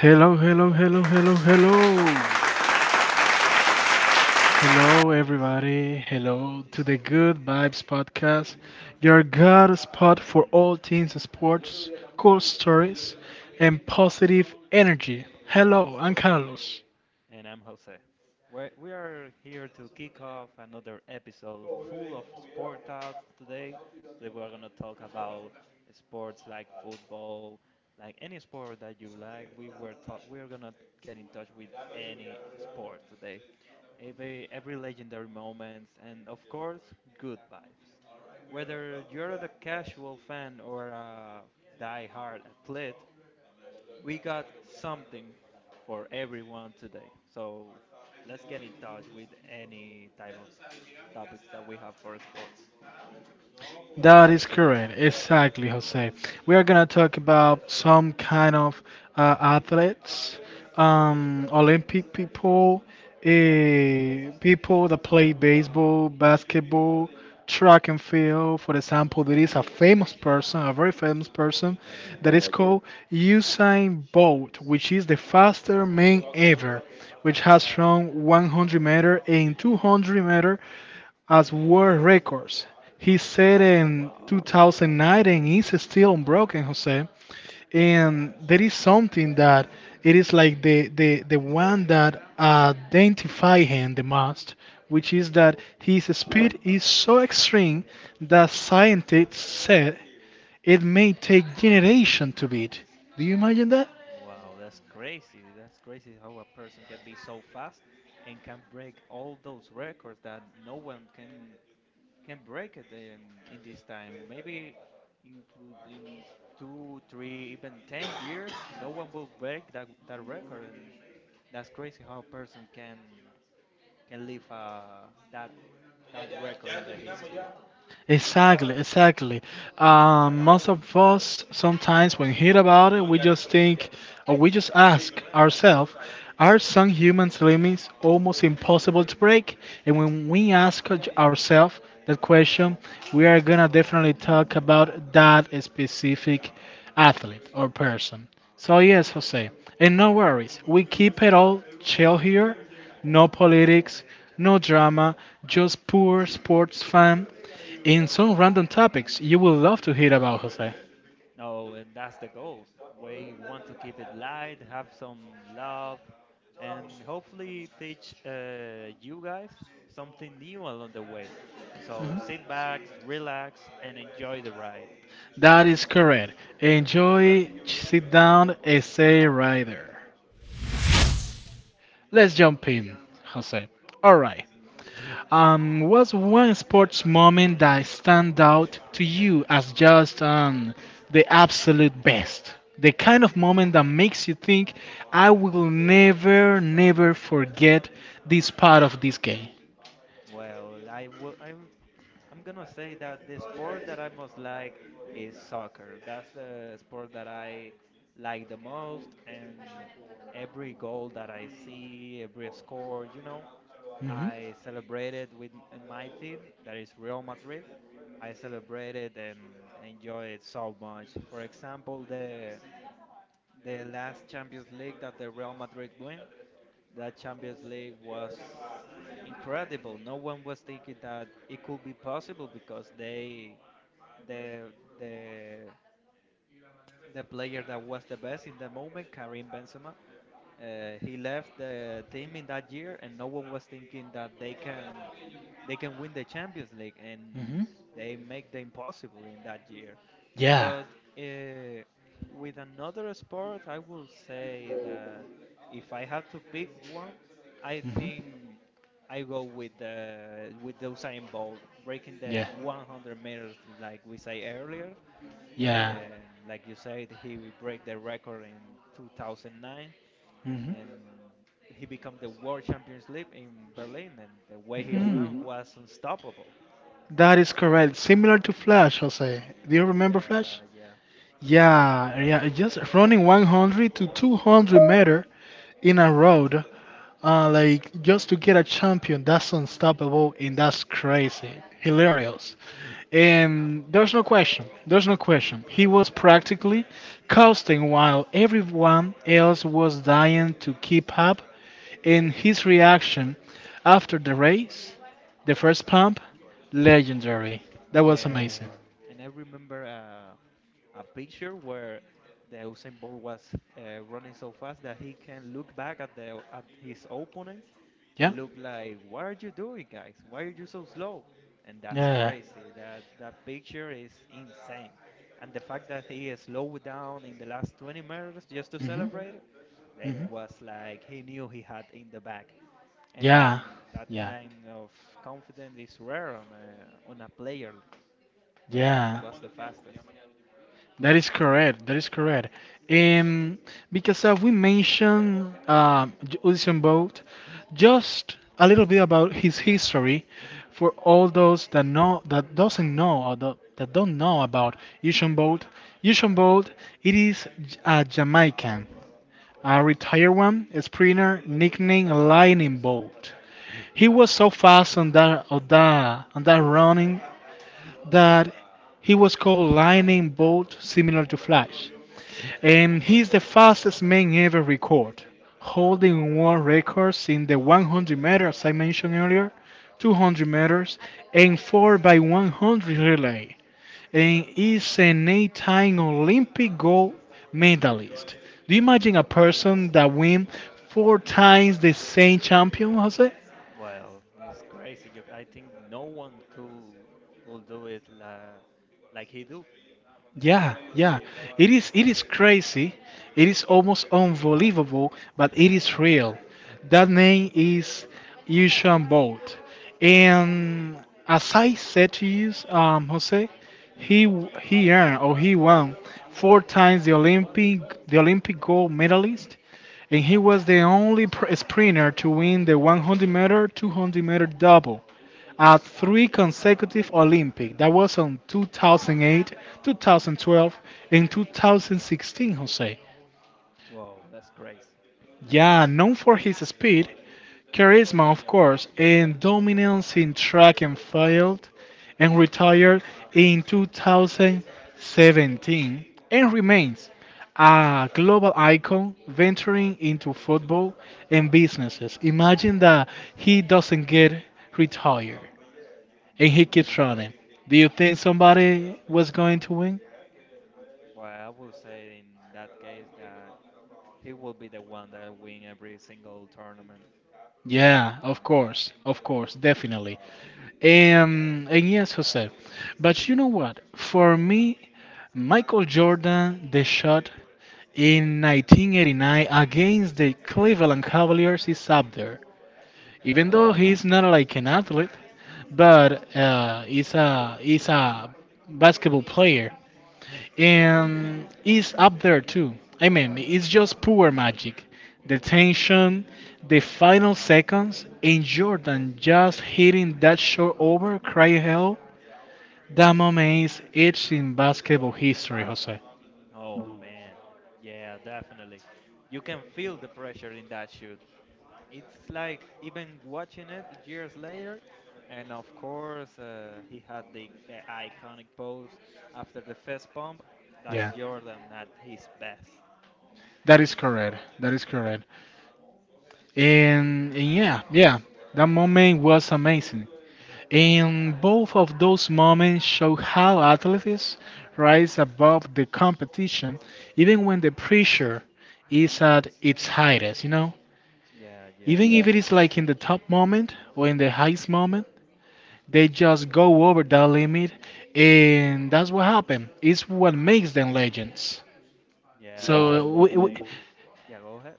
Hello, hello, hello, hello, hello. Hello, Hello, guys, everybody. Hello to the Good Vibes Podcast, your good spot for all things sports, cool stories, and positive energy. Hello, I'm Carlos. and I'm Jose. We are here to kick off another episode full of sport talks today. Today we're gonna talk about sports like football, like any sport that you like. We were talk we're gonna get in touch with any sport today. Every legendary moments, and of course, good vibes. Whether you're a casual fan or a die-hard athlete, we got something for everyone today. So let's get in touch with any type of topics that we have for sports. That is correct. Exactly, Jose. We are going to talk about some kind of athletes, Olympic people, people that play baseball, basketball, track and field. For example, there is a famous person, a very famous person, Yeah, that is yeah. called Usain Bolt, which is the fastest man ever, which has run 100 meter and 200-meter as world records. He said in Wow. 2009 and is still unbroken, Jose. And there is something that it is like the one that identify him the most, which is that his speed is so extreme that scientists said it may take generation to beat. Do you imagine that? Wow, that's crazy. That's crazy how a person can be so fast and can break all those records that no one can break it in this time. Maybe include in two, three, even 10 years, no one will break that record, and that's crazy how a person can leave that record in the history. Exactly, exactly. Most of us sometimes, when hear about it, we just think or we just ask ourselves, are some humans' limits almost impossible to break? And when we ask ourselves that question, we are gonna definitely talk about that specific athlete or person. So yes, Jose, and no worries, we keep it all chill here. No politics, no drama, just poor sports fan in some random topics you will love to hear about, Jose. No, and that's the goal. We want to keep it light, have some love, and hopefully teach you guys something new along the way. So sit back, relax, and enjoy the ride. That is correct. Enjoy, sit down, essay writer. Let's jump in, Jose. All right. What's one sports moment that stand out to you as just the absolute best? The kind of moment that makes you think, I will never, never forget this part of this game. Well, I will. I'm. I'm gonna say that the sport that I most like is soccer. That's the sport that I like the most, and every goal that I see, every score, hmm I celebrated with my team, that is Real Madrid. I celebrated and enjoyed it so much. For example, the last Champions League that the Real Madrid win, that Champions League was incredible. No one was thinking that it could be possible because the the the player that was the best in the moment, Karim Benzema, he left the team in that year, and no one was thinking that they can win the Champions League, and hmm they make the impossible in that year. Yeah. But uh, with another sport, I will say that if I have to pick one, I hmm think I go with the Usain Bolt breaking the Yeah. 100 meters, like we say earlier, Yeah. and like you said, he will break the record in 2009, hmm and he became the world champions league in Berlin, and the way he ran hmm was unstoppable. That is correct. Similar to Flash, Jose. Do you remember Flash? Yeah, yeah, Yeah, yeah, just running 100 to 200 meter in a road, like just to get a champion. That's unstoppable and that's crazy, hilarious. And there's no question. There's no question. He was practically coasting while everyone else was dying to keep up. And his reaction after the race, the first pump, legendary. That was amazing. yeah. And I remember. A picture where the Usain Bolt was running so fast that he can look back at his opponents Yeah. and look like, "What are you doing, guys? Why are you so slow?" And that's Yeah. crazy. That picture is insane. And the fact that he slowed down in the last 20 meters just to hmm celebrate it, it hmm was like he knew he had in the bag. And Yeah, that yeah, kind of confidence is rare on a player, but he yeah. was the fastest. That is correct. That is correct. Um, because we mentioned Usain Bolt, just a little bit about his history for all those that know that doesn't know or that don't know about Usain Bolt. Usain Bolt, it is a Jamaican, a retired one, a sprinter nicknamed Lightning Bolt. He was so fast on that running that he was called Lightning Bolt, similar to Flash. And he's the fastest man ever record, holding world records in the 100 meters I mentioned earlier, 200 meters, and 4 by 100 relay. And is an eight-time Olympic gold medalist. Do you imagine a person that win four times the same champion, Jose? Well, it's crazy. I think no one could do it like he do. Yeah, yeah. It is crazy. It is almost unbelievable, but it is real. That name is Usain Bolt. And as I said to you, Jose, he earned or he won four times the Olympic gold medalist, and he was the only sprinter to win the 100 meter, 200-meter double at three consecutive Olympic. That was on 2008, 2012, and 2016, Jose. Wow, that's crazy. Yeah, known for his speed, charisma, of course, and dominance in track and field, and retired in 2017, and remains a global icon venturing into football and businesses. Imagine that he doesn't get retired. And Wow. he keeps running. Do you think somebody was going to win? Well, I would say in that case that he will be the one that win every single tournament. Yeah, of course, definitely. And yes, Jose. But you know what? For me, Michael Jordan, the shot in 1989 against the Cleveland Cavaliers is up there. Even Yeah. though he's not like an athlete, but he's a basketball player, and it's up there too. I mean, it's just pure magic. The tension, the final seconds, and Jordan just hitting that short over, cry hell. That moment is etched in basketball history, Jose. Oh man. Yeah, definitely. You can feel the pressure in that shoot. It's like even watching it years later, and of course he had the iconic pose after the fist pump. That's Yeah, Jordan at his best. that is correct. That is correct. And yeah, that moment was amazing. And both of those moments show how athletes rise above the competition, even when the pressure is at its highest, you know? Yeah, yeah, Even if it is like in the top moment or in the highest moment, they just go over that limit, and that's what happened. It's what makes them legends. Yeah. I definitely make. Exactly. Yeah, go ahead.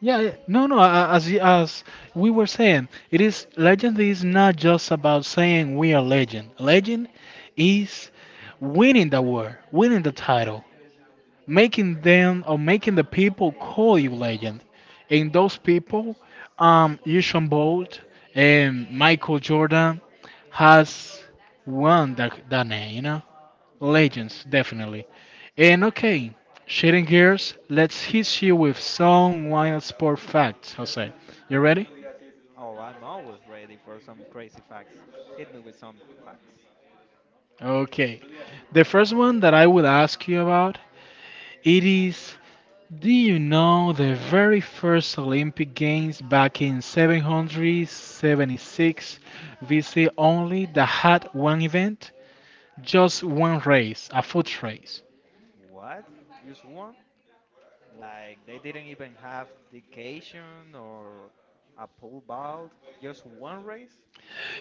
Yeah, yeah. no, no. a- As y- as we were saying, it is legend is not just about saying we are legend. Legend is winning the war, winning the title, making them or making the people call you legend. And those people, Usain Bolt and Michael Jordan, has won that name. You know. Yeah. Legends, definitely. And okay, shifting gears, let's hit you with some wild sport facts, Jose. You ready? Oh, I'm always ready for some crazy facts. Hit me with some facts. Okay. The first one that I would ask you about, it is do you know the very first Olympic Games back in 776 BC only that had one event? Just one race, a foot race. What? Just one? Like they didn't even have dedication or a pole vault. Just one race?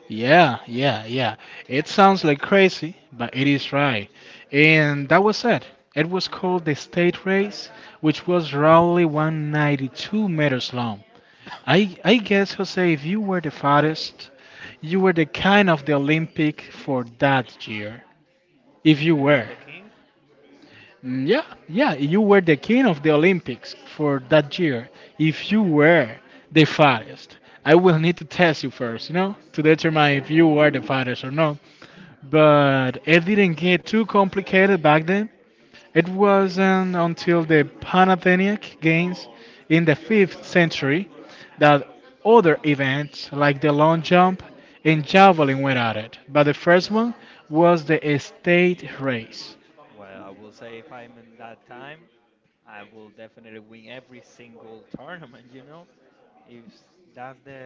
Yeah, yeah, yeah. It sounds like crazy, but it is right. And that was it. It was called the state race, which was roughly 192 meters long. I guess, Jose, if you were the fattest, you were the kind of the Olympic for that year. If you You mean were. the king? Yeah, yeah, you were the king of the Olympics for that year. If you were the fattest, I will need to test you first, you know, to determine if Yeah, if you yeah. were the fattest or not. But it didn't get too complicated back then. It wasn't until the Panathenaic Games in the 5th century that other events like the long jump and javelin went at it. But the first one was the estate race. Well, I will say if I'm in that time, I will definitely win every single tournament. If that's the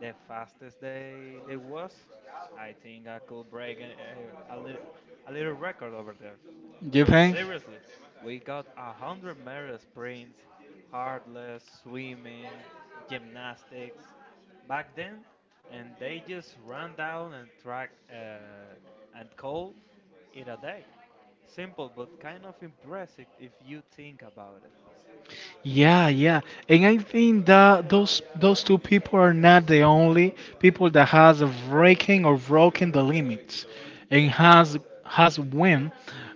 the fastest they was, I think I could break a little record over there. You But paying? seriously, we got a hundred-meter sprints, hurdles, swimming, gymnastics back then, and they just ran down and track and call it a day. Simple, but kind of impressive if you think about it. Yeah, yeah, and I think that those two people are not the only people that has breaking or broken the limits, and has win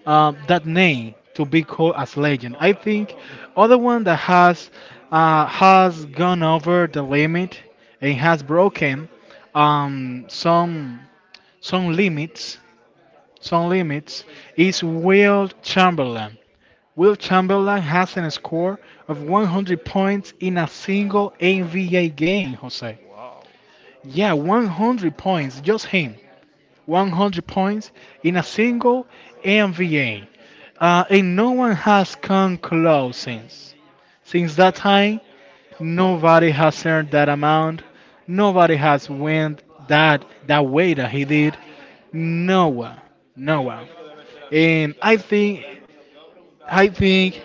that name to be called as legend. I think other one that has gone over the limit and has broken um, some some limits some limits is Will Chamberlain. Will Chamberlain has a score of 100 points in a single NBA game, Jose. Wow. Yeah, 100 points, just him. 100 points in a single NBA. And no one has come close since. Since that time, nobody has earned that amount. Nobody has went that way that he did. No one, no one. And I think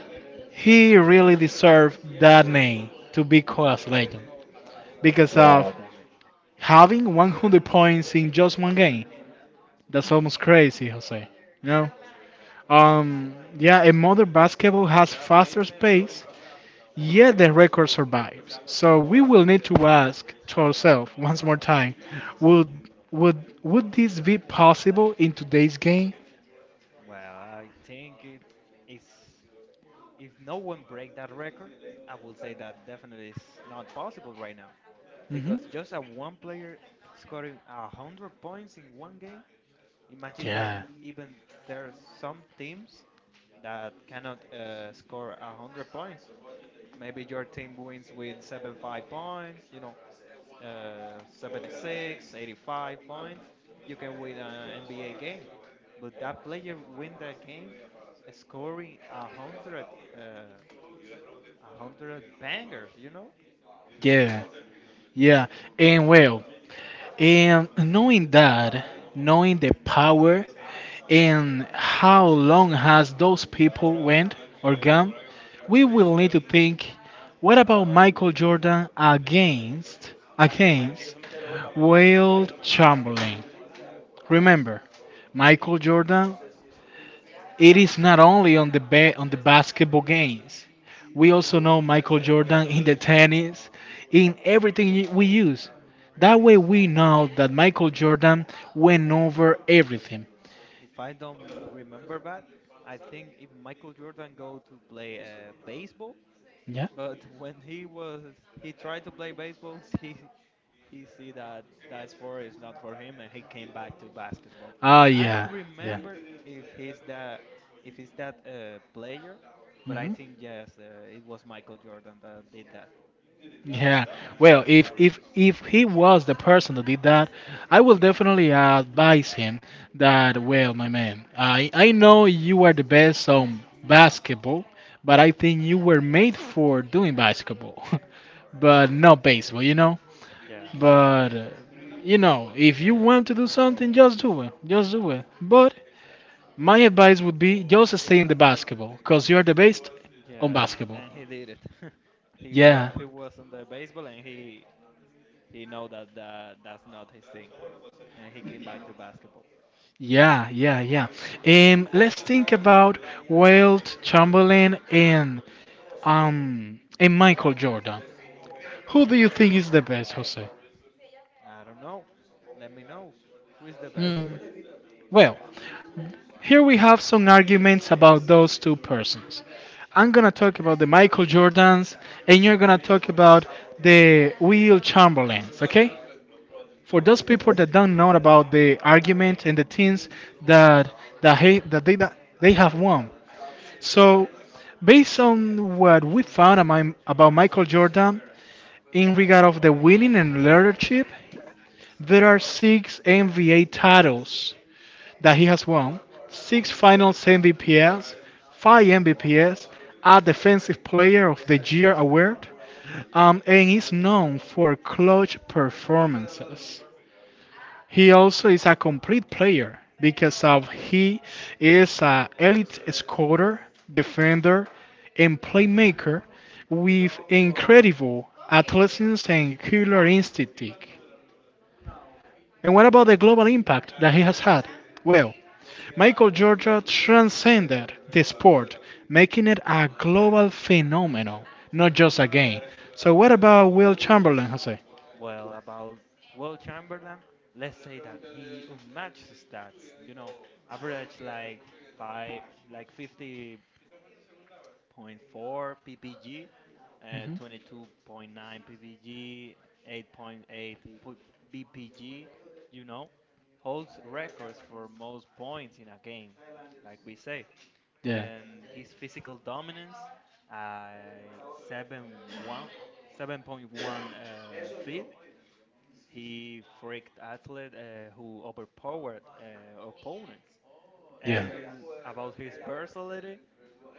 he really deserved that name to be called as legend because Yeah, definitely. having 100 points in just one game. That's almost crazy, Jose. You know? Mm. Yeah, and modern basketball has faster pace, yet the record survives. So we will need to ask to ourselves once more time, would would this be possible in today's game? Well, I think it is. If no one break that record, I will say that definitely is not possible right now, hmm because just a one player scoring a hundred points in one game. Imagine that yeah, even there are some teams that cannot score a hundred points. Maybe your team wins with 75 points, 76, 85 points. You can win an NBA game, but that player win the game scoring uh, a hundred bangers. yeah, yeah. And well, and knowing that, knowing the power and how long has those people went or gone, we will need to think what about Michael Jordan against Will Chamberlain? Remember, Michael Jordan it is not only on the on the basketball games. We also know Michael Jordan in the tennis, in everything we use. That way we know that Michael Jordan went over everything. If I don't remember bad, I think even Michael Jordan go to play baseball, Yeah. but when he was he tried to play baseball, he see that that sport is not for him, and he came back to basketball. Ah, I don't yeah, yeah. remember if he's that if he's that player, but I Mhm. think yes, it was Michael Jordan that did that. Yeah. Well, if he was the person that did that, I will definitely advise him that, well, my man, I know you are the best on basketball, but I think you were made for doing basketball, but not baseball, you know? Yeah, But you know, if you want to do something, just do it. Just do it. But my advice would be just stay in the basketball, cause you are the best on yeah. basketball. And he did it. he Yeah. wa- he was on the baseball, and he know that that's not his thing, and he came back to basketball. Yeah, yeah, yeah. Let's think about Wilt Chamberlain and Michael Jordan. Who do you think is the best, Jose? I don't know. Let me know who is the best Hmm. for you. Well, here we have some arguments about those two persons. I'm gonna talk about the Michael Jordans, and you're gonna talk about the Will Chamberlains. Okay? For those Okay. people that don't know about the argument and the things that that he, that they have won, so, based on what we found about Michael Jordan in regard of the winning and leadership, there are six NBA titles that he has won, six Finals MVPs, five MVPs, a Defensive Player of the Year award, and is known for clutch performances. He also is a complete player because of he is an elite scorer, defender, and playmaker with incredible athleticism and killer instinct. And what about the global impact that he has had? Well, Michael Jordan transcended the sport, making it a global phenomenon, not just a game. So what about Will Chamberlain, Jose? Well, about Will Chamberlain, let's say that he unmatched stats. Average five, like 50.4 PPG, hmm 22.9 PPG, 8.8 BPG. You know, Holds records for most points in a game, like we say, Yeah. and his physical dominance uh, 7 7.1 feet. He freaked athlete who overpowered opponents. Yeah. And about his versatility,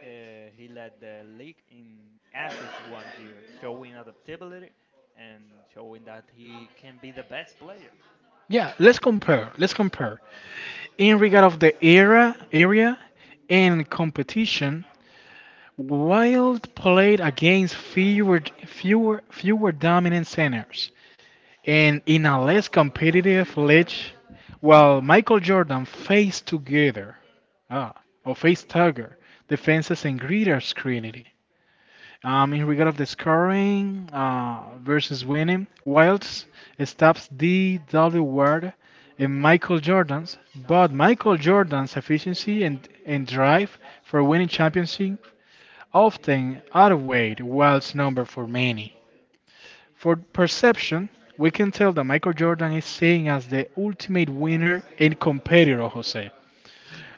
uh, he led the league in assists one year, showing adaptability and showing that he can be the best player. Yeah, let's compare. Let's compare. In regard of the era area and competition, Wild played against fewer fewer dominant centers and in a less competitive league while Michael Jordan faced together ah, or faced Tiger defenses and greater scrutiny. In regard of the scoring versus winning, Wilds stops D.W. Ward and Michael Jordan's, but Michael Jordan's efficiency and drive for winning championship often outweighed Wilds' number for many. For perception, we can tell that Michael Jordan is seen as the ultimate winner and competitor, Jose.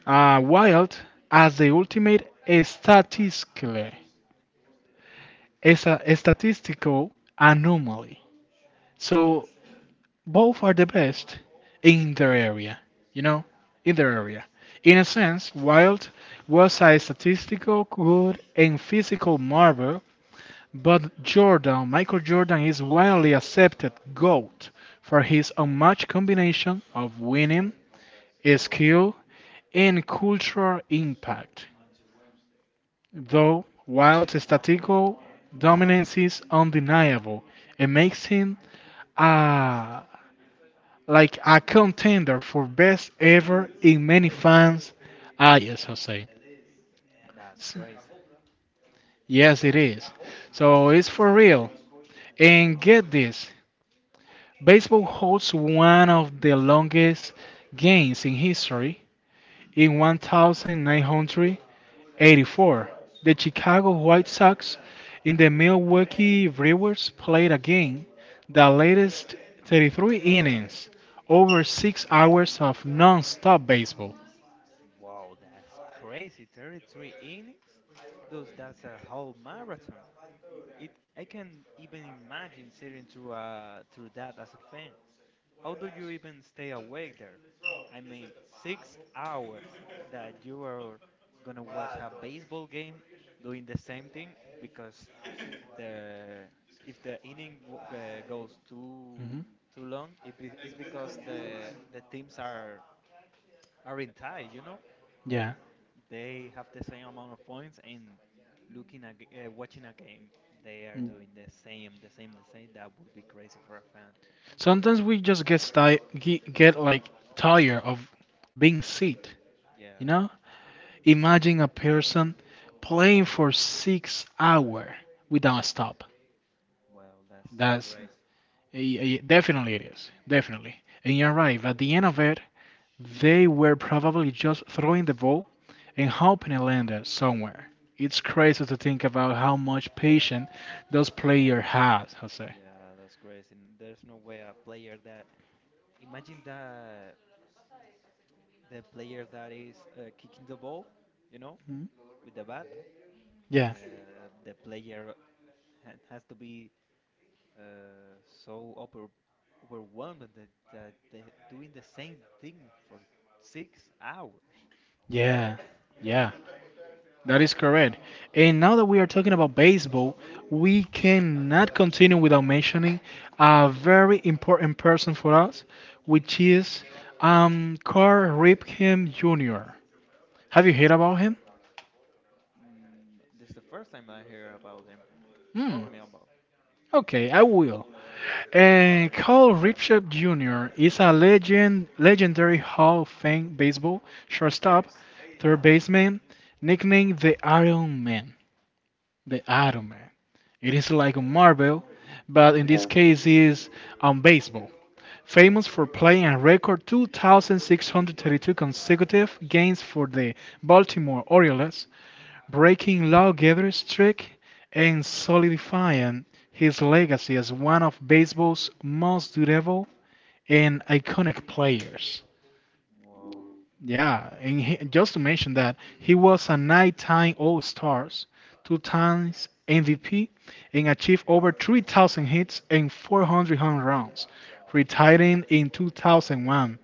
Wild as the ultimate statistically is a statistical anomaly. So both are the best in their area, you know, in their area. In a sense, Wilde was a statistical good and physical marvel, but Jordan, Michael Jordan, is widely accepted GOAT for his unmatched combination of winning, skill, and cultural impact. Though Wilde's statistical dominance is undeniable, it makes him uh, like a contender for best ever in many fans' eyes, Jose. That's S- crazy. Yes, it is. So it's for real. And get this, baseball holds one of the longest games in history in 1993 84. The Chicago White Sox and the Milwaukee Brewers played again, the latest 33 innings, over 6 hours of non-stop baseball. Wow, that's crazy. 33 innings? That's a whole marathon. It I can even imagine sitting through through that as a fan. How do you even stay awake there? I mean, 6 hours that you are gonna watch a baseball game doing the same thing because the if the inning goes too Hmm. too long, it's because the teams are in tie. Yeah. They have the same amount of points, and watching a game they are Mm. doing the same. That would be crazy for a fan. Sometimes we just get, get like tired of being sick, you Yeah, know? Imagine a person playing for 6 hours without a stop. well, that's That's crazy. Definitely it is. Definitely. And you're right. At the end of it, they were probably just throwing the ball and hoping it landed somewhere. It's crazy to think about how much patience those players had, Jose. Yeah, that's crazy. There's no way a player that imagine that the player that is kicking the ball you know Mm. with the bat, the Yeah, the player has to be uh, so overwhelmed that, that they're doing the same thing for 6 hours. yeah, yeah, that is correct. And now that we are talking about baseball, we cannot continue without mentioning a very important person for us, which is Carl Ripken Jr. Have you heard about him? Mm. This is the first time I hear about him. Hmm. Talk me about. Okay, I will. Carl Richard Jr. is a legendary Hall of Fame baseball shortstop, third baseman, nicknamed the Iron Man. The Iron Man. It is like a Marvel, but Yeah. in this Yeah. case, is on baseball. Famous for playing a record 2,632 consecutive games for the Baltimore Orioles, breaking lawgiver streak and solidifying his legacy as one of baseball's most durable and iconic players. Wow. Yeah, and he, just to mention that he was a 9-time All Stars, 2-time MVP, and achieved over 3,000 hits and 400 home runs, retiring in 2001.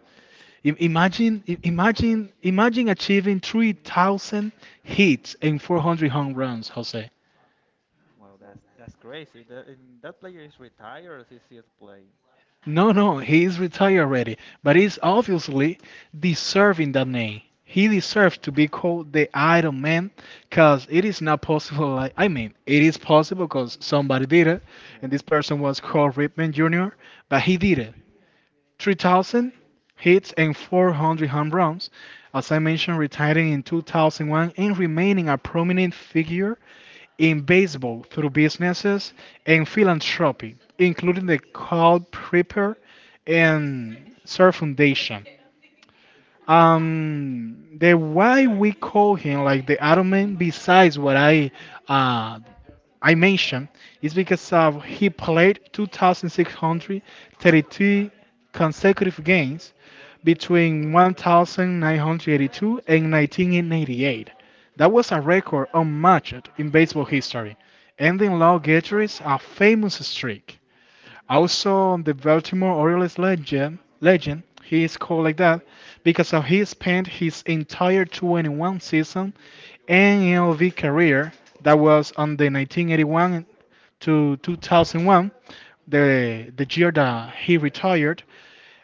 Imagine achieving 3,000 hits and 400 home runs, Jose. Wow, that's crazy. That and that player is retired or is he still playing? No, no, he is retired already, but he's obviously deserving that name. He deserves to be called the Iron Man because it is not possible. Like, I mean, it is possible because somebody did it, and Yeah. this person was called Ripman Jr., but he did it. 3,000 hits and 400 home runs. As I mentioned, retiring in 2001 and remaining a prominent figure in baseball through businesses and philanthropy, including the Carl Prepper and Sir Foundation. The why we call him like the Iron Man, besides what uh, I mentioned, is because of he played 2,632 consecutive games between 1982 and 1988. That was a record unmatched in baseball history, ending Lou Gehrige's a famous streak. Also, on the Baltimore Orioles legend, he is called like that because of he spent his entire 21 season and MLB career that was on the 1981 to 2001, the year that he retired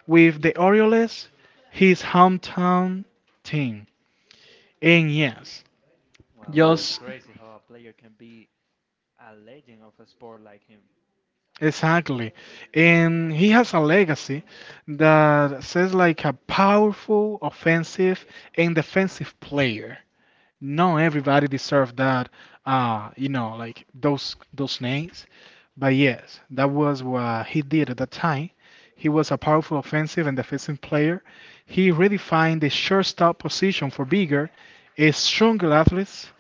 with the Orioles, his hometown team. And yes, Well, that's just crazy how a player can be a legend of a sport like him. exactly. And he has a legacy that says like a powerful offensive and defensive player. Not everybody deserved that, you know, like those names. But yes, that was what he did at that time. He was a powerful offensive and defensive player. He redefined the shortstop position for bigger, a stronger athletes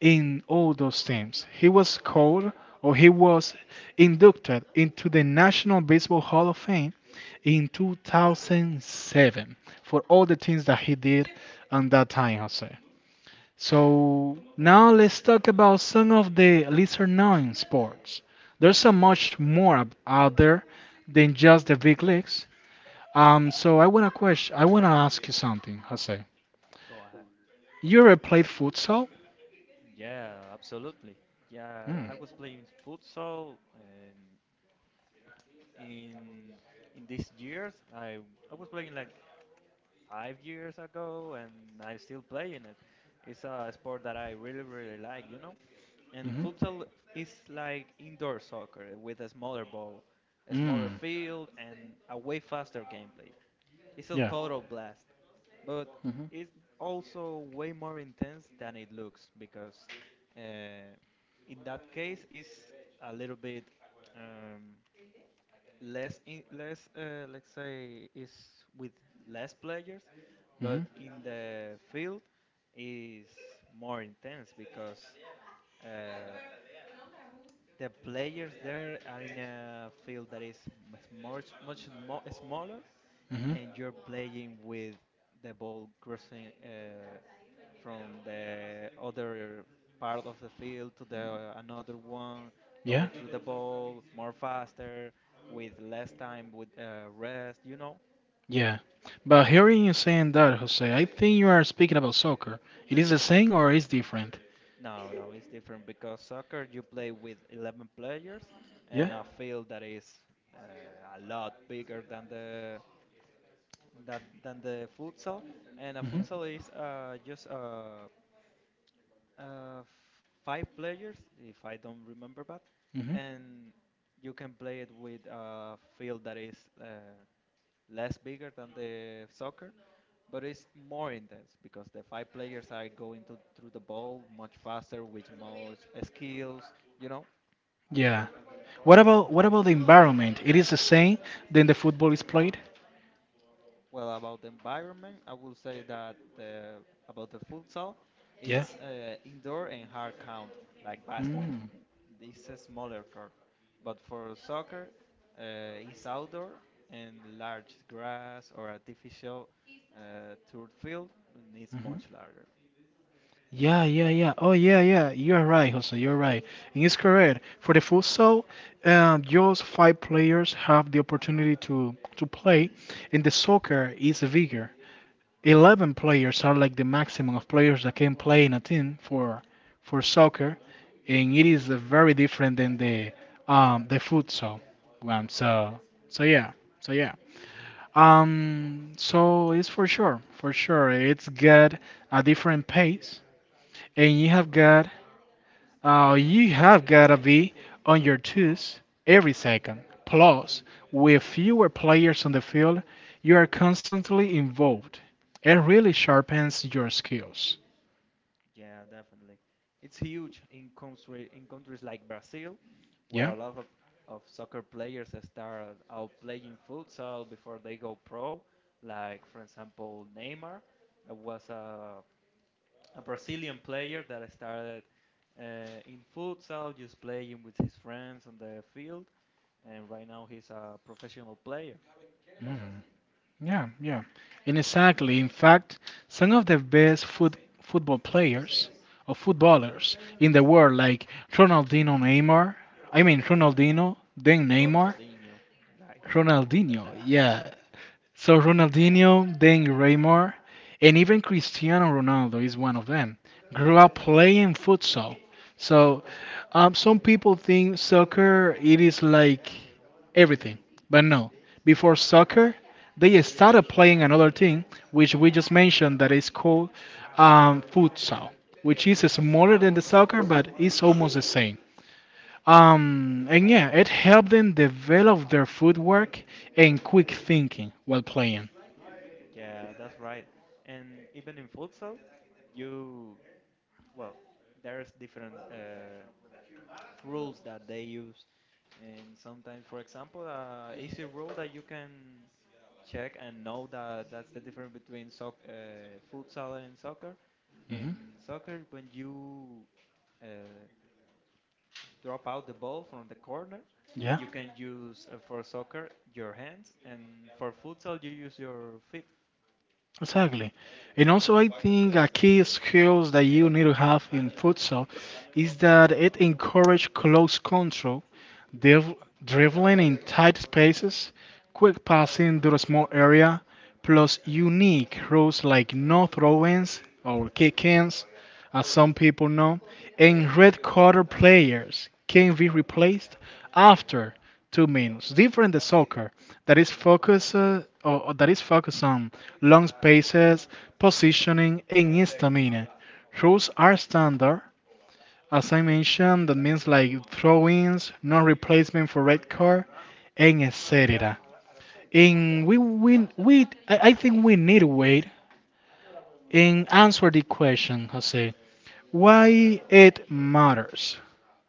in all those teams. He was or he was inducted into the National Baseball Hall of Fame in 2007 for all the things that he did on that time, Jose. So now let's talk about some of the lesser known sports. There's so much more out there than just the big leagues. So I wanna ask you something, Jose. Go ahead. You ever played futsal? Yeah, absolutely. Yeah, Mm, I was playing futsal, and in in these years I was playing like 5 years ago, and I'm still playing it. It's a sport that I really, really like. And mm-hmm, futsal is like indoor soccer with a smaller ball, a smaller mm, field, and a way faster gameplay. It's a yeah. total blast, but Mm-hmm, it's also way more intense than it looks because, uh, in that case, it's a little bit. Um, less in, less let's say is with less players, but mm-hmm, in the field is more intense because uh, the players there are in a field that is much much smaller, mm-hmm, and you're playing with the ball crossing from the other part of the field to the another one, yeah, going through the ball more faster with less time with rest. Yeah. But hearing you saying that, Jose, I think you are speaking about soccer. It is the same or is different? No, no, it's different because soccer you play with 11 players Yeah. and a field that is a lot bigger than the that than the futsal, and a Mm-hmm, futsal is uh, f- five players, if I don't remember bad, mm-hmm. and you can play it with a field that is less bigger than the soccer, but it's more intense because the five players are going to through the ball much faster with more skills, you know. Yeah. What about the environment? It is the same than the football is played? Well, about the environment, I will say that about the futsal, Yeah. it's indoor and hard count, like basketball. Mm. This is smaller court. But for soccer, it's outdoor and large grass or artificial turf field, and it's Mhm. much larger. Yeah, yeah, yeah. Oh, yeah, yeah. You're right, Jose. You're right. And it's correct. For the futsal, just five players have the opportunity to play, and the soccer is bigger. 11 players are like the maximum of players that can play in a team for soccer, and it is very different than the the futsal one, so yeah so yeah so it's for sure it's got a different pace, and you have gotta be on your toes every second. Plus, with fewer players on the field, you are constantly involved. It really sharpens your skills. Yeah, definitely. It's huge in countries like Brazil, where Yeah? a lot of soccer players start out playing futsal before they go pro. Like for example, Neymar, that was a Brazilian player that started in futsal, just playing with his friends on the field, and right now he's a professional player. Mhm. Yeah, yeah. And exactly. In fact, some of the best football players or footballers in the world, like Ronaldinho Neymar, Ronaldinho, then Neymar, Ronaldinho, right? Ronaldinho, yeah, so Ronaldinho, then Raymar, and even Cristiano Ronaldo is one of them. Grew up playing futsal. So some people think soccer it is like everything, but no. Before soccer, they started playing another thing, which we just mentioned that is called futsal, which is smaller than the soccer, but it's almost the same. And yeah, it helped them develop their footwork and quick thinking while playing. Yeah, that's right. And even in futsal, you well, there's different rules that they use, and sometimes, for example, easy rule that you can check and know that that's the difference between futsal and soccer. Hmm. In soccer, when you uh, drop out the ball from the corner, Yeah. you can use for soccer your hands, and for futsal you use your feet. Exactly. And also, I think a key skills that you need to have in futsal is that it encourages close control, driv- dribbling in tight spaces, quick passing through a small area, plus unique rules like no throw-ins or kick-ins, as some people know, and red card players can be replaced after two means different the soccer that is focused or that is focused on long spaces, positioning and stamina. Rules are standard, as I mentioned, that means like throw-ins, no replacement for red card, and etc. And I think we need to wait and answer the question, Jose, why it matters,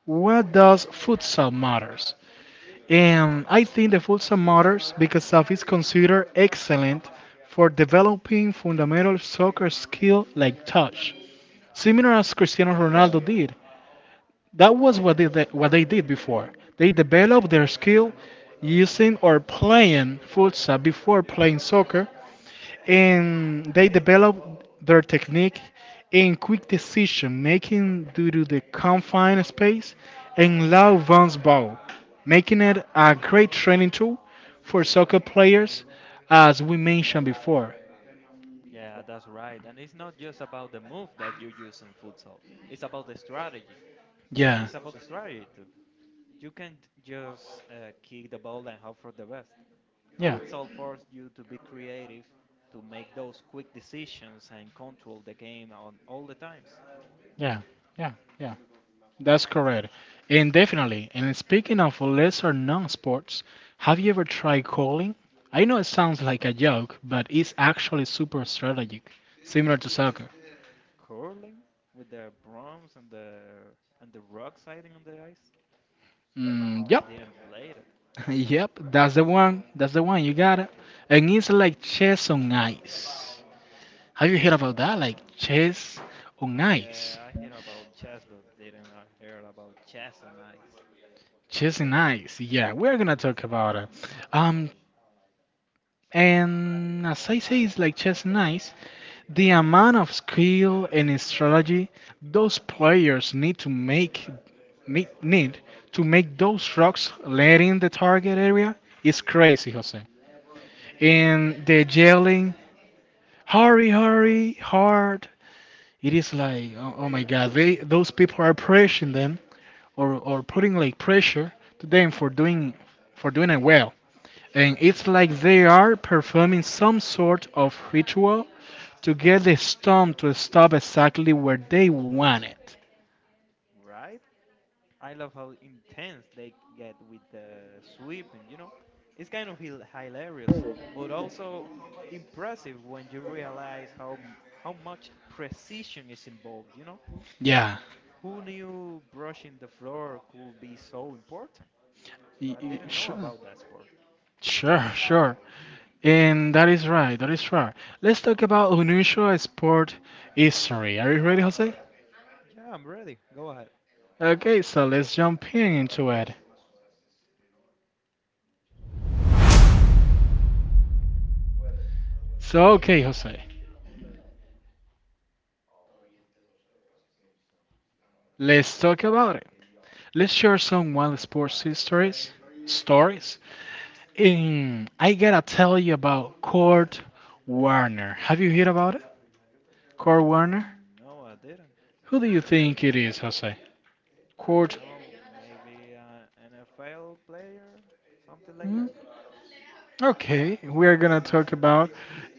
what does futsal matters. And I think the Fulsa Motors, because of is considered excellent for developing fundamental soccer skill like touch, similar as Cristiano Yeah. Ronaldo did. That was what what they did before. They developed their skill using or playing futsal before playing soccer, and they developed their technique in quick decision making due to the confined space and low bounce ball, making it a great training tool for soccer players, as we mentioned before. Yeah, that's right. And it's not just about the move that you use in futsal. It's about the strategy. Yeah, It's about the strategy too. You can't just kick the ball and hope for the best. yeah. Futsal forces you to be creative, to make those quick decisions and control the game on all the times. Yeah, yeah, yeah. That's correct. And definitely, and speaking of lesser known sports, have you ever tried calling? I know it sounds like a joke, but it's actually super strategic, similar to soccer. Curling with the brooms and the rock sliding on the ice. Mm, I yep. didn't play it. Yep, that's the one. That's the one. You got it. And it's like chess on ice. Have you heard about that? Like chess on ice. Yeah, I hear about chess, but didn't hear about chess on ice. Chess and ice. Yeah, we're gonna talk about it. Um, and as I say, it's like chess and ice. The amount of skill and strategy those players need to make those rocks land in the target area is crazy, Jose. And the yelling, hurry, hurry, hard. It is like, oh, oh my God, they those people are pressuring them or putting like pressure to them for doing it well. And it's like they are performing some sort of ritual to get the storm to stop exactly where they want it. Right? I love how intense they get with the sweeping, you know? It's kind of hilarious, but also impressive when you realize how much precision is involved, you know? Yeah, Who knew brushing the floor could be so important? I didn't know sure, about that sport. sure, sure. And that is right, that is right. Let's talk about unusual sport history. Are you ready, Jose? Yeah, I'm ready. Go ahead. Okay, so let's jump in into it. So, okay, Jose, let's talk about it. Let's share some wild sports stories. I gotta tell you about Kurt Warner. Have you heard about it? Kurt Warner? Mm, no, I didn't. Who do you think it is, Jose? I don't Kurt? know. Maybe an NFL player, something like Hmm? that. Okay, we are gonna talk about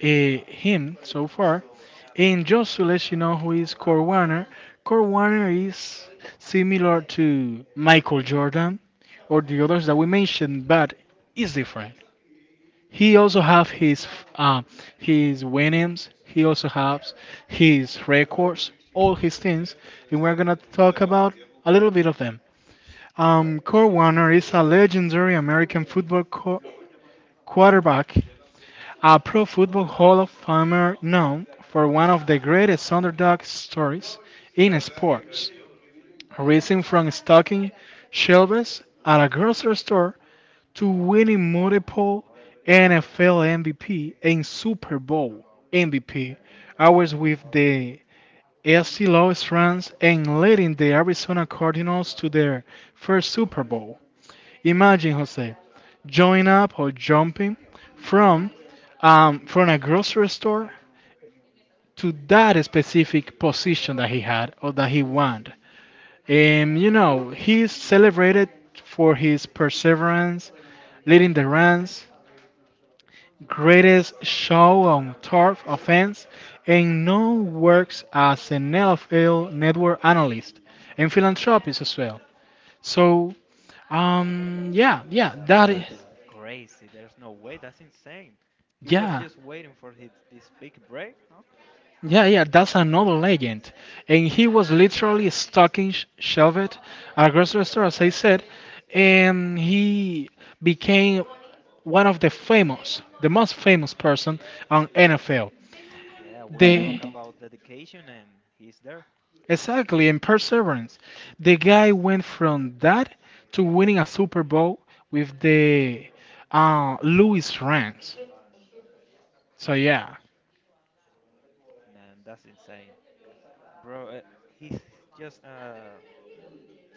him so far. And just to let you know who is Kurt Warner, Kurt Warner is similar to Michael Jordan or the others that we mentioned, but is different. He also have uh, his winnings. He also has his records, all his things, and we're gonna talk about a little bit of them. Kurt Warner is a legendary American football quarterback, a Pro Football Hall of Famer known for one of the greatest underdog stories in sports, racing from stocking shelves at a grocery store to winning multiple NFL MVP and Super Bowl MVP. I was with the AFC Los Rams and leading the Arizona Cardinals to their first Super Bowl. Imagine, Jose, join up or jumping from from a grocery store to that specific position that he had or that he won. And you know, he's celebrated for his perseverance, leading the Rams, greatest show on turf offense, and now works as an NFL network analyst and philanthropist as well. So, yeah, yeah, Well, that is, that's crazy. There's no way. That's insane. He was yeah, just waiting for his this big break, huh? yeah, yeah, that's another legend. And he was literally stalking Shelvet at a grocery store, as I said, and he became one of the famous, the most famous person on NFL. Yeah, we can The talk about dedication, and he's there. Exactly, and perseverance. The guy went from that to winning a Super Bowl with the Louis Rams. So yeah. Man, that's insane, bro. He's just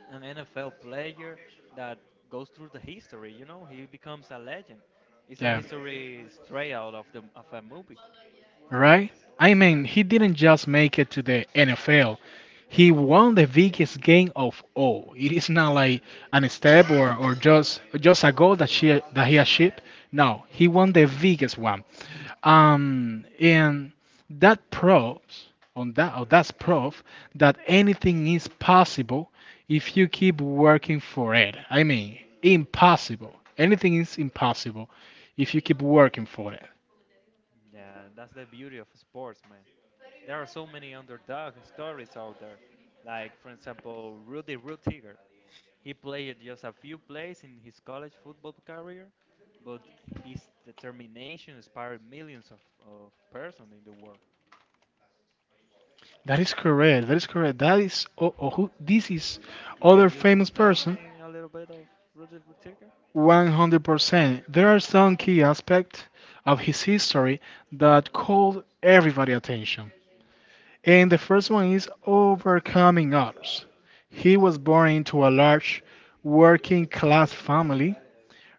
an NFL player that goes through the history. You know, he becomes a legend. It's a Yeah. history straight out of the of a movie. Right? I mean, he didn't just make it to the NFL. He won the biggest game of all. It is not like an step, or just a goal that she that he achieved. No, he won the biggest one. And that proves on that, or that's proof that anything is possible if you keep working for it. I mean, impossible. Anything is impossible if you keep working for it. Yeah, that's the beauty of sports, man. There are so many underdog stories out there, like for example Rudy Rutiger. He played just a few plays in his college football career, but his determination inspired of persons in the world. That is correct. That is correct. That is who, this is And other can you famous tell person. me a little bit of Rudy Rutiger? 100%. There are some key aspects of his history that called everybody attention. And the first one is overcoming odds. He was born into a large working class family.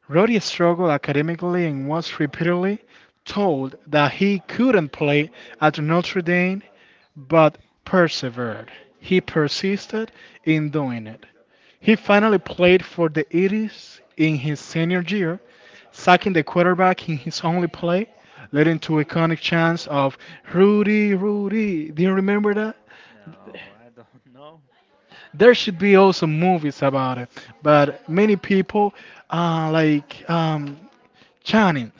Roddy struggled academically and was repeatedly told that he couldn't play at Notre Dame, but persevered. He persisted in doing it. He finally played for the Eagles in his senior year, sacking the quarterback in his only play, leading to iconic chants of Rudy, Rudy. Do you remember that? No, I don't know. There should be also movies about it, but many people uh, like um, challenge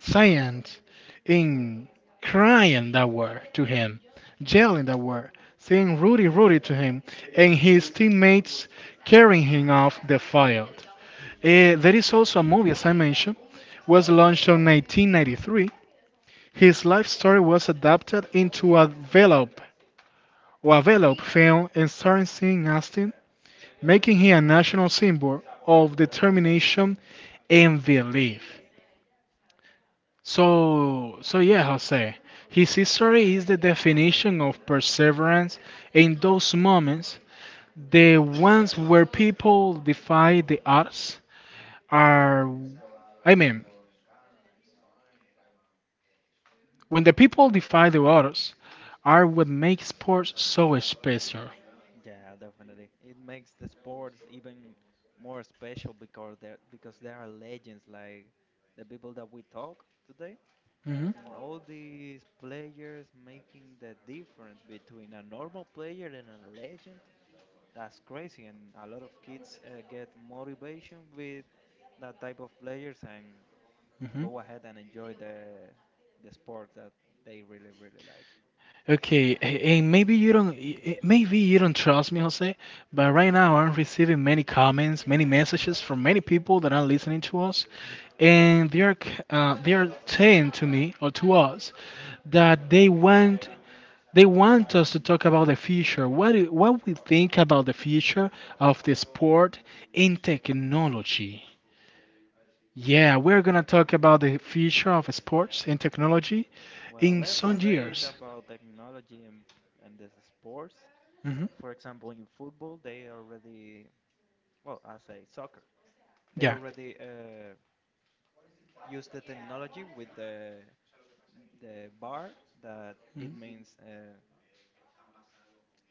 science in crying that word to him, yelling that word, saying Rudy, Rudy to him, and his teammates carrying him off the field. There is also a movie, as I mentioned, was launched in 1993. His life story was adapted into a Velope or a Velope film and starring Sean Astin, making him a national symbol of determination and belief. So yeah, Jose, his history is the definition of perseverance in those moments, the ones where people defy the odds are, I mean, when the people defy the odds are what makes sports so special. Yeah, definitely. It makes the sports even more special because there are legends like the people that we talk today, hmm and all these players making the difference between a normal player and a legend. That's crazy, and a lot of kids get motivation with that type of players and hmm go ahead and enjoy the sport that they really really like. Okay, and maybe you don't, maybe you don't trust me, Jose, but right now I'm receiving many comments, many messages from many people that are listening to us, and they are, they are saying to me or to us that they want us to talk about the future, what we think about the future of the sport in technology. Yeah, we're gonna talk about the future of sports and technology Well, in let's some say it's years. about technology and the sports. Mm-hmm. For example, in football, they already I say soccer, they Yeah. already use the technology with the bar that it Mm-hmm. means.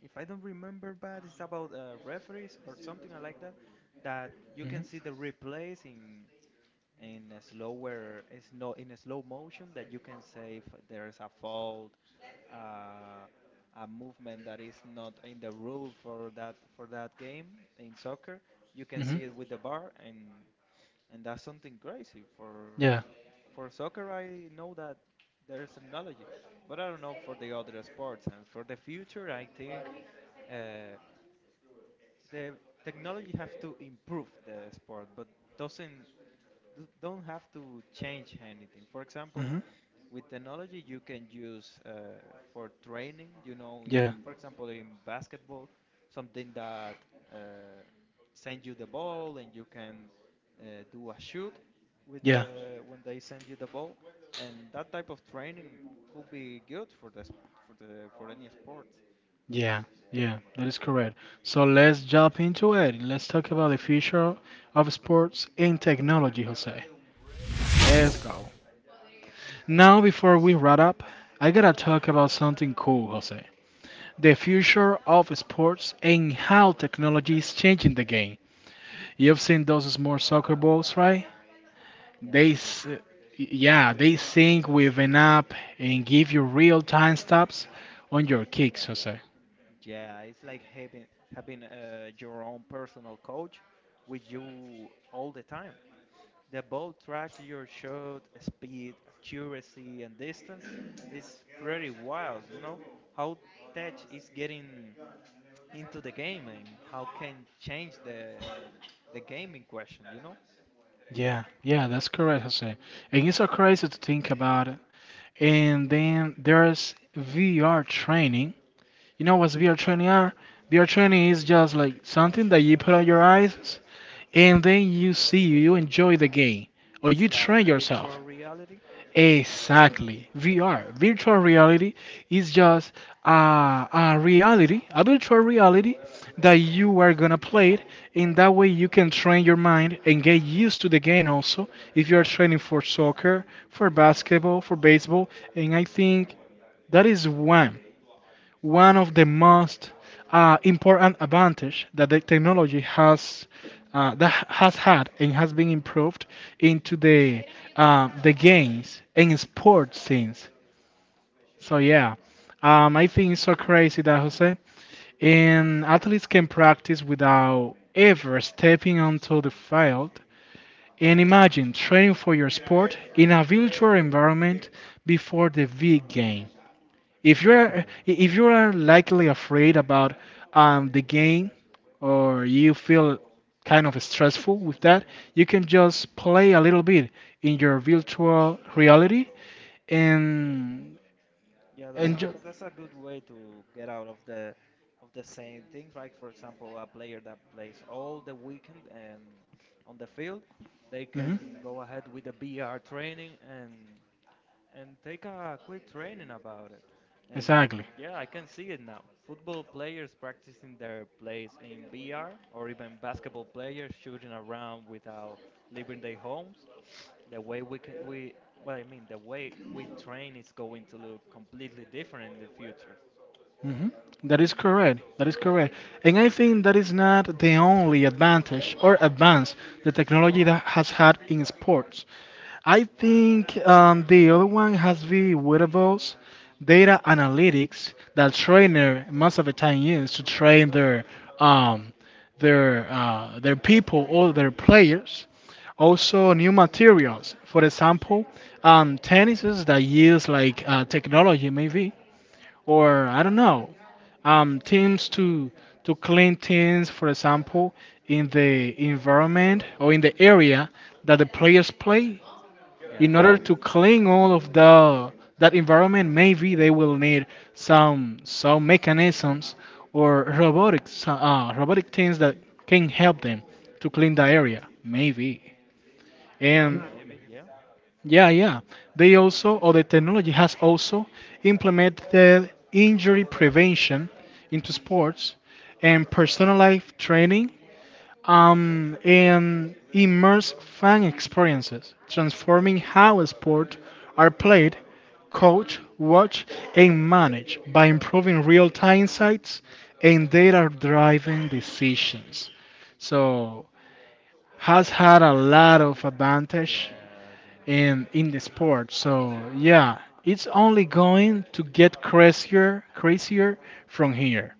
If I don't remember bad, it's about referees or something like that. That you can see the replays in a slower, it's no in a slow motion. That you can say if there's a fault, uh, a movement that is not in the rule for that game in soccer. You can Mm-hmm. see it with the bar, and that's something crazy Yeah. for soccer. I know that there's analogy, but I don't know for the other sports. And for the future, I think. Uh, the technology have to improve the sport, but doesn't don't have to change anything. For example, Mm-hmm. with technology, you can use for training. You know, Yeah. for example, in basketball, something that uh, send you the ball and you can do a shoot with Yeah. the when they send you the ball, and that type of training could be good for for the for any sport. Yeah. Yeah. That is correct. So let's jump into it. Let's talk about the future of sports and technology, Jose. Let's go. Now, before we wrap up, I gotta talk about something cool, Jose. The future of sports and how technology is changing the game. You've seen those small soccer balls, right? Yeah, They, yeah. s- yeah, they sync with an app and give you real time stops on your kicks, Jose. Yeah, it's like having your own personal coach with you all the time. The ball tracks your shot, speed, accuracy, and distance. It's pretty wild, you know, how tech is getting into the game and how can change the game in question, you know? Yeah, yeah, that's correct, Jose. And it's so crazy to think about. And then there's VR training. You know what's VR training are? VR training is just like something that you put on your eyes and then you see, you enjoy the game, or you It's like train yourself. virtual reality. Exactly. VR, virtual reality, is just a, a reality, a virtual reality that you are gonna play it, and that way you can train your mind and get used to the game also. If you are training for soccer, for basketball, for baseball, and I think that is one of the most important advantage that the technology has that has had and has been improved into the games and sports scenes. So yeah, I think it's so crazy that Jose and athletes can practice without ever stepping onto the field. And imagine training for your sport in a virtual environment before the big game. If you are Yeah. if you are likely afraid about the game or you feel kind of stressful with that, you can just play a little bit in your virtual reality and Yeah, and ju- that's a good way to get out of the same thing. Like for example, a player that plays all the weekend and on the field, they Mhm. can go ahead with the BR training and take a quick training about it. And Exactly. yeah, I can see it now. Football players practicing their plays in VR, or even basketball players shooting around without leaving their homes. The way we I mean, the way we train is going to look completely different in the future. hmm That is correct. That is correct. And I think that is not the only advantage or advance the technology that has had in sports. I think the other one has the wearables, data analytics that trainer most of the time use to train their um, their people or their players. Also, new materials. For example, tennises that use like technology maybe, or I don't know, teams to clean things, for example, in the environment or in the area that the players play Yeah. in order to clean all of the that environment. Maybe they will need some mechanisms or robotic things that can help them to clean the area maybe. Well, And maybe, yeah. yeah yeah They also, or the technology has also implemented injury prevention into sports and personalized training and immerse fan experiences, transforming how sports are played, coached, watched, and managed by improving real time insights and data driven decisions. So, has had a lot of advantage Yeah, yeah, in the sport. So yeah, it's only going to get crazier from here.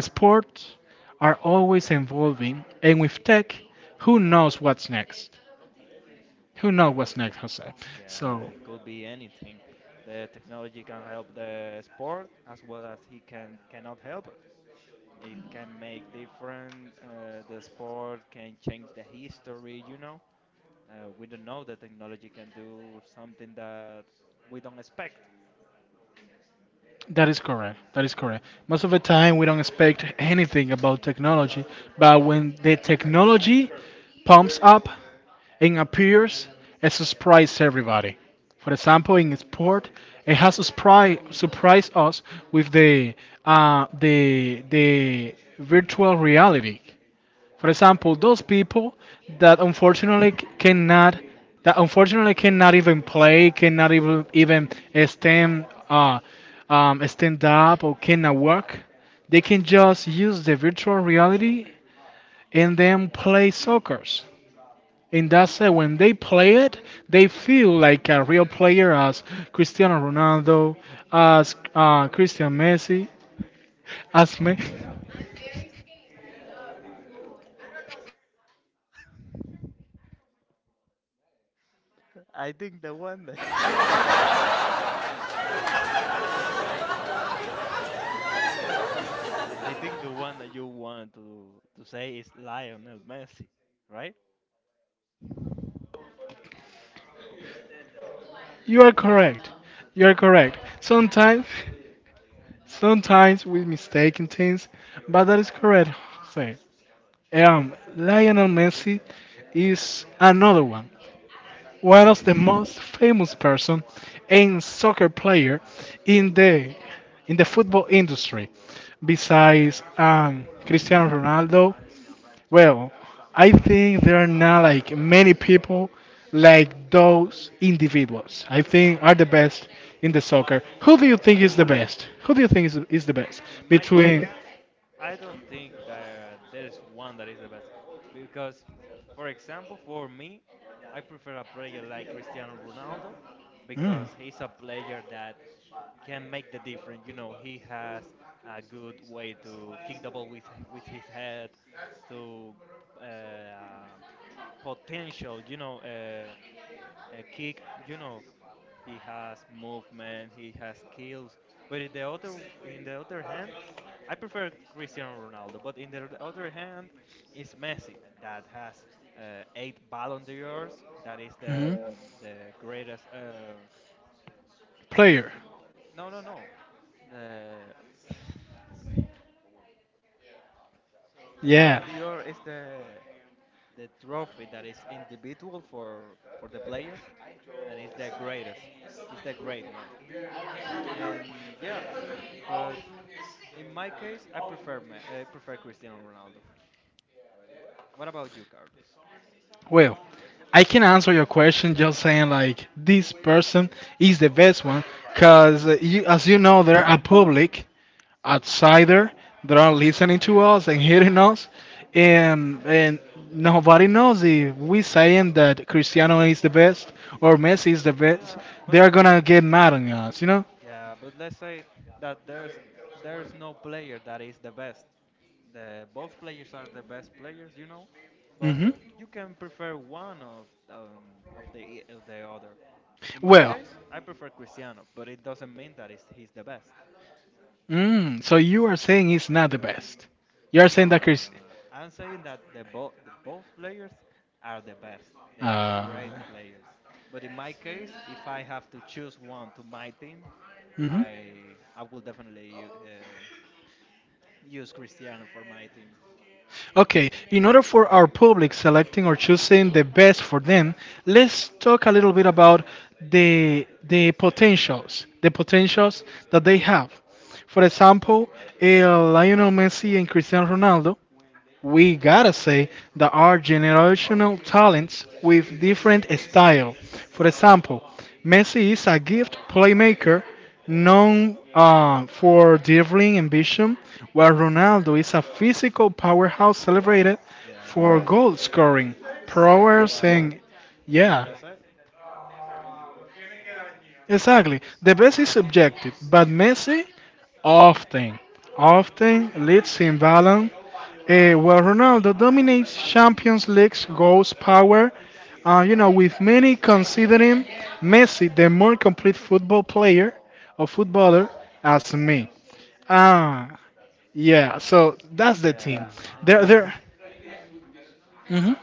Sports are always evolving, and with tech, who knows what's next? Who knows what's next, Jose? yeah. So It could be anything. The technology can help the sport as well as he cannot help it. It can make different. The sport can change the history. You know, we don't know that technology can do something that we don't expect. that is correct. That is correct. Most of the time, we don't expect anything about technology, but when the technology pumps up, and appears and surprise everybody. For example, in sport, it has surprised us with the virtual reality. For example, those people that unfortunately c- cannot that unfortunately cannot even play, cannot even even stand stand up or cannot work, they can just use the virtual reality and then play soccer. And that's when they play it, they feel like a real player as Cristiano Ronaldo, as Christian Messi, as me. I think the one that I think the one that you want to say is Lionel Messi, right? You are correct. You are correct. Sometimes, sometimes we mistaken things, but that is correct. Say, Lionel Messi is another one. One of the most famous person and soccer player in the in the football industry. Besides Cristiano Ronaldo, well, I think there are not like many people like those individuals. I think are the best in the soccer. Who do you think is Yeah. the best? Who do you think is the best In my case, between I don't think that there is one that is the best because, for example, for me, I prefer a player like Cristiano Ronaldo mm, because he's a player that can make the difference. You know, he has a good way to kick the ball with his head, to uh, potential. You know, a kick. You know, he has movement. He has skills. But in the other hand, I prefer Cristiano Ronaldo. But in the other hand, is Messi that has. Eight Ballon d'Ors. That is mhm, the greatest. Re- player? no. The The Yeah. Ballon d'Or is the trophy that is individual for the players, and it's the greatest. It's the great one. And yeah, but in my case, I prefer Cristiano Ronaldo. What about you, Carlos? Well, I can answer your question just saying like this person is the best one because you, as you know there are a public outsider that are listening to us and hearing us and nobody knows if we saying that Cristiano is the best or Messi is the best, Yeah, they but are gonna get mad on us, you know. yeah, but let's say that there's no player that is the best. The both players are the best players, you know, but hmm you can prefer one of the other. In my well case, I prefer Cristiano, but it doesn't mean that it's, he's the best. So you are saying it's not the best, you are saying No, that no, no, Chris no, no. I'm saying that the both players are the best. They are uh, great players. But in my case, if I have to choose one to my team, mhm. I will definitely use Cristiano for my team. Okay, in order for our public selecting or choosing the best for them, let's talk a little bit about the potentials that they have. For example, Lionel Messi and Cristiano Ronaldo, we gotta say that are generational talents with different style. For example, Messi is a gift playmaker known for dribbling and vision, while Ronaldo is a physical powerhouse celebrated Yeah, for goal scoring, it prowess, was. and It's like yeah, I said. exactly. The best is subjective, but Messi often, often leads in balance, well, Ronaldo dominates Champions League's goals power, you know, with many considering Messi the more complete football player or footballer as me. Ah, yeah. So that's the thing. Yeah, and that's There, there.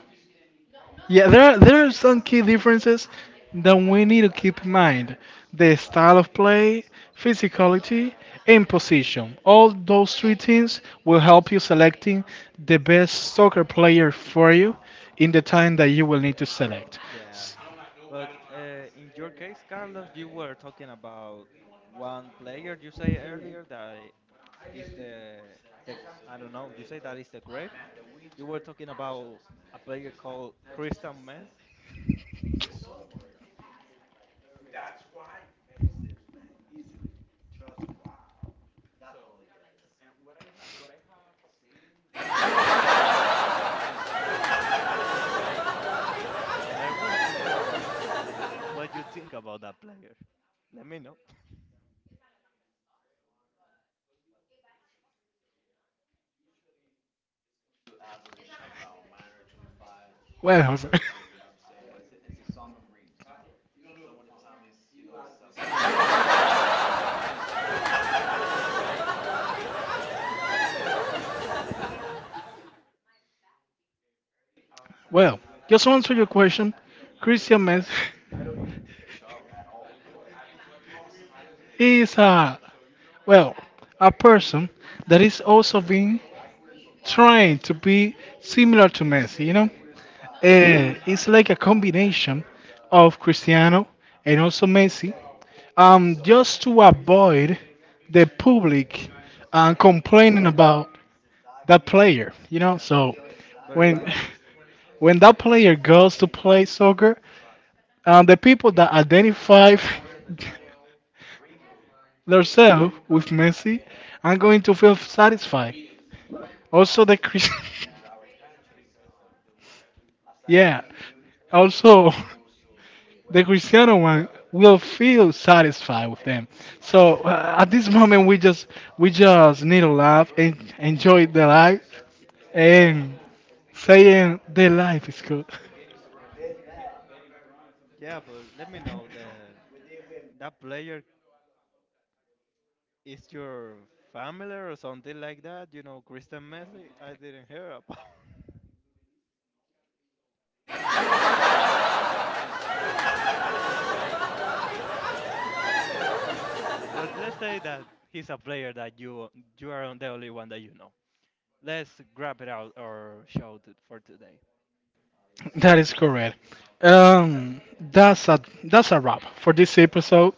Yeah, there are some key differences that we need to keep in mind. The style of play, physicality, and position. All those three things will help you selecting the best soccer player for you in the time that you will need to select. yeah. S- But in your case, Carlos, you were talking about one player you say earlier that is the I don't know. You say that is the great. You were talking about a player called Christian Messi, and I want to know what you think about that player. Let me know. Well, Jose. Yeah, go ahead. Well, just to answer your question, Christian Messi is a, well, a person that is also being trying to be similar to Messi, you know? It's like a combination of Cristiano and also Messi, just to avoid the public complaining about that player. You know, so But when it, when that player goes to play soccer, the people that identify themselves with Messi are going to feel satisfied. Also, the Chris, yeah, also. The Cristiano one will feel satisfied with them. So at this moment, we just need to laugh and enjoy the life and saying the life is good. yeah, but let me know the that player is your family or something like that. You know, Christian Messi. I didn't hear about. But let's say that he's a player that you are the only one that you know. Let's grab it out or show it for today. That is correct. That's a that's a wrap for this episode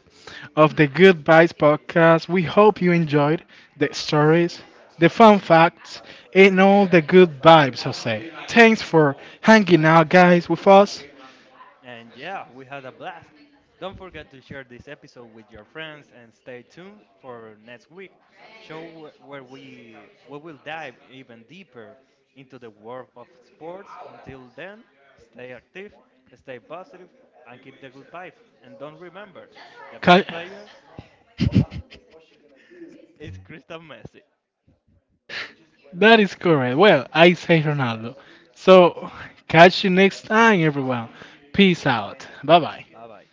of the Good Vibes podcast. We hope you enjoyed the stories, the fun facts, and all the good vibes. I say, thanks for hanging out, guys, with us. And yeah, we had a blast. Don't forget to share this episode with your friends and stay tuned for next week. Show where we will dive even deeper into the world of sports. Until then, stay active, stay positive, and keep the good vibe. And don't remember, the Ca- best player is Crystal Messi. That is correct. Well, I say Ronaldo. So, catch you next time, everyone. Peace out. Bye bye. Bye bye.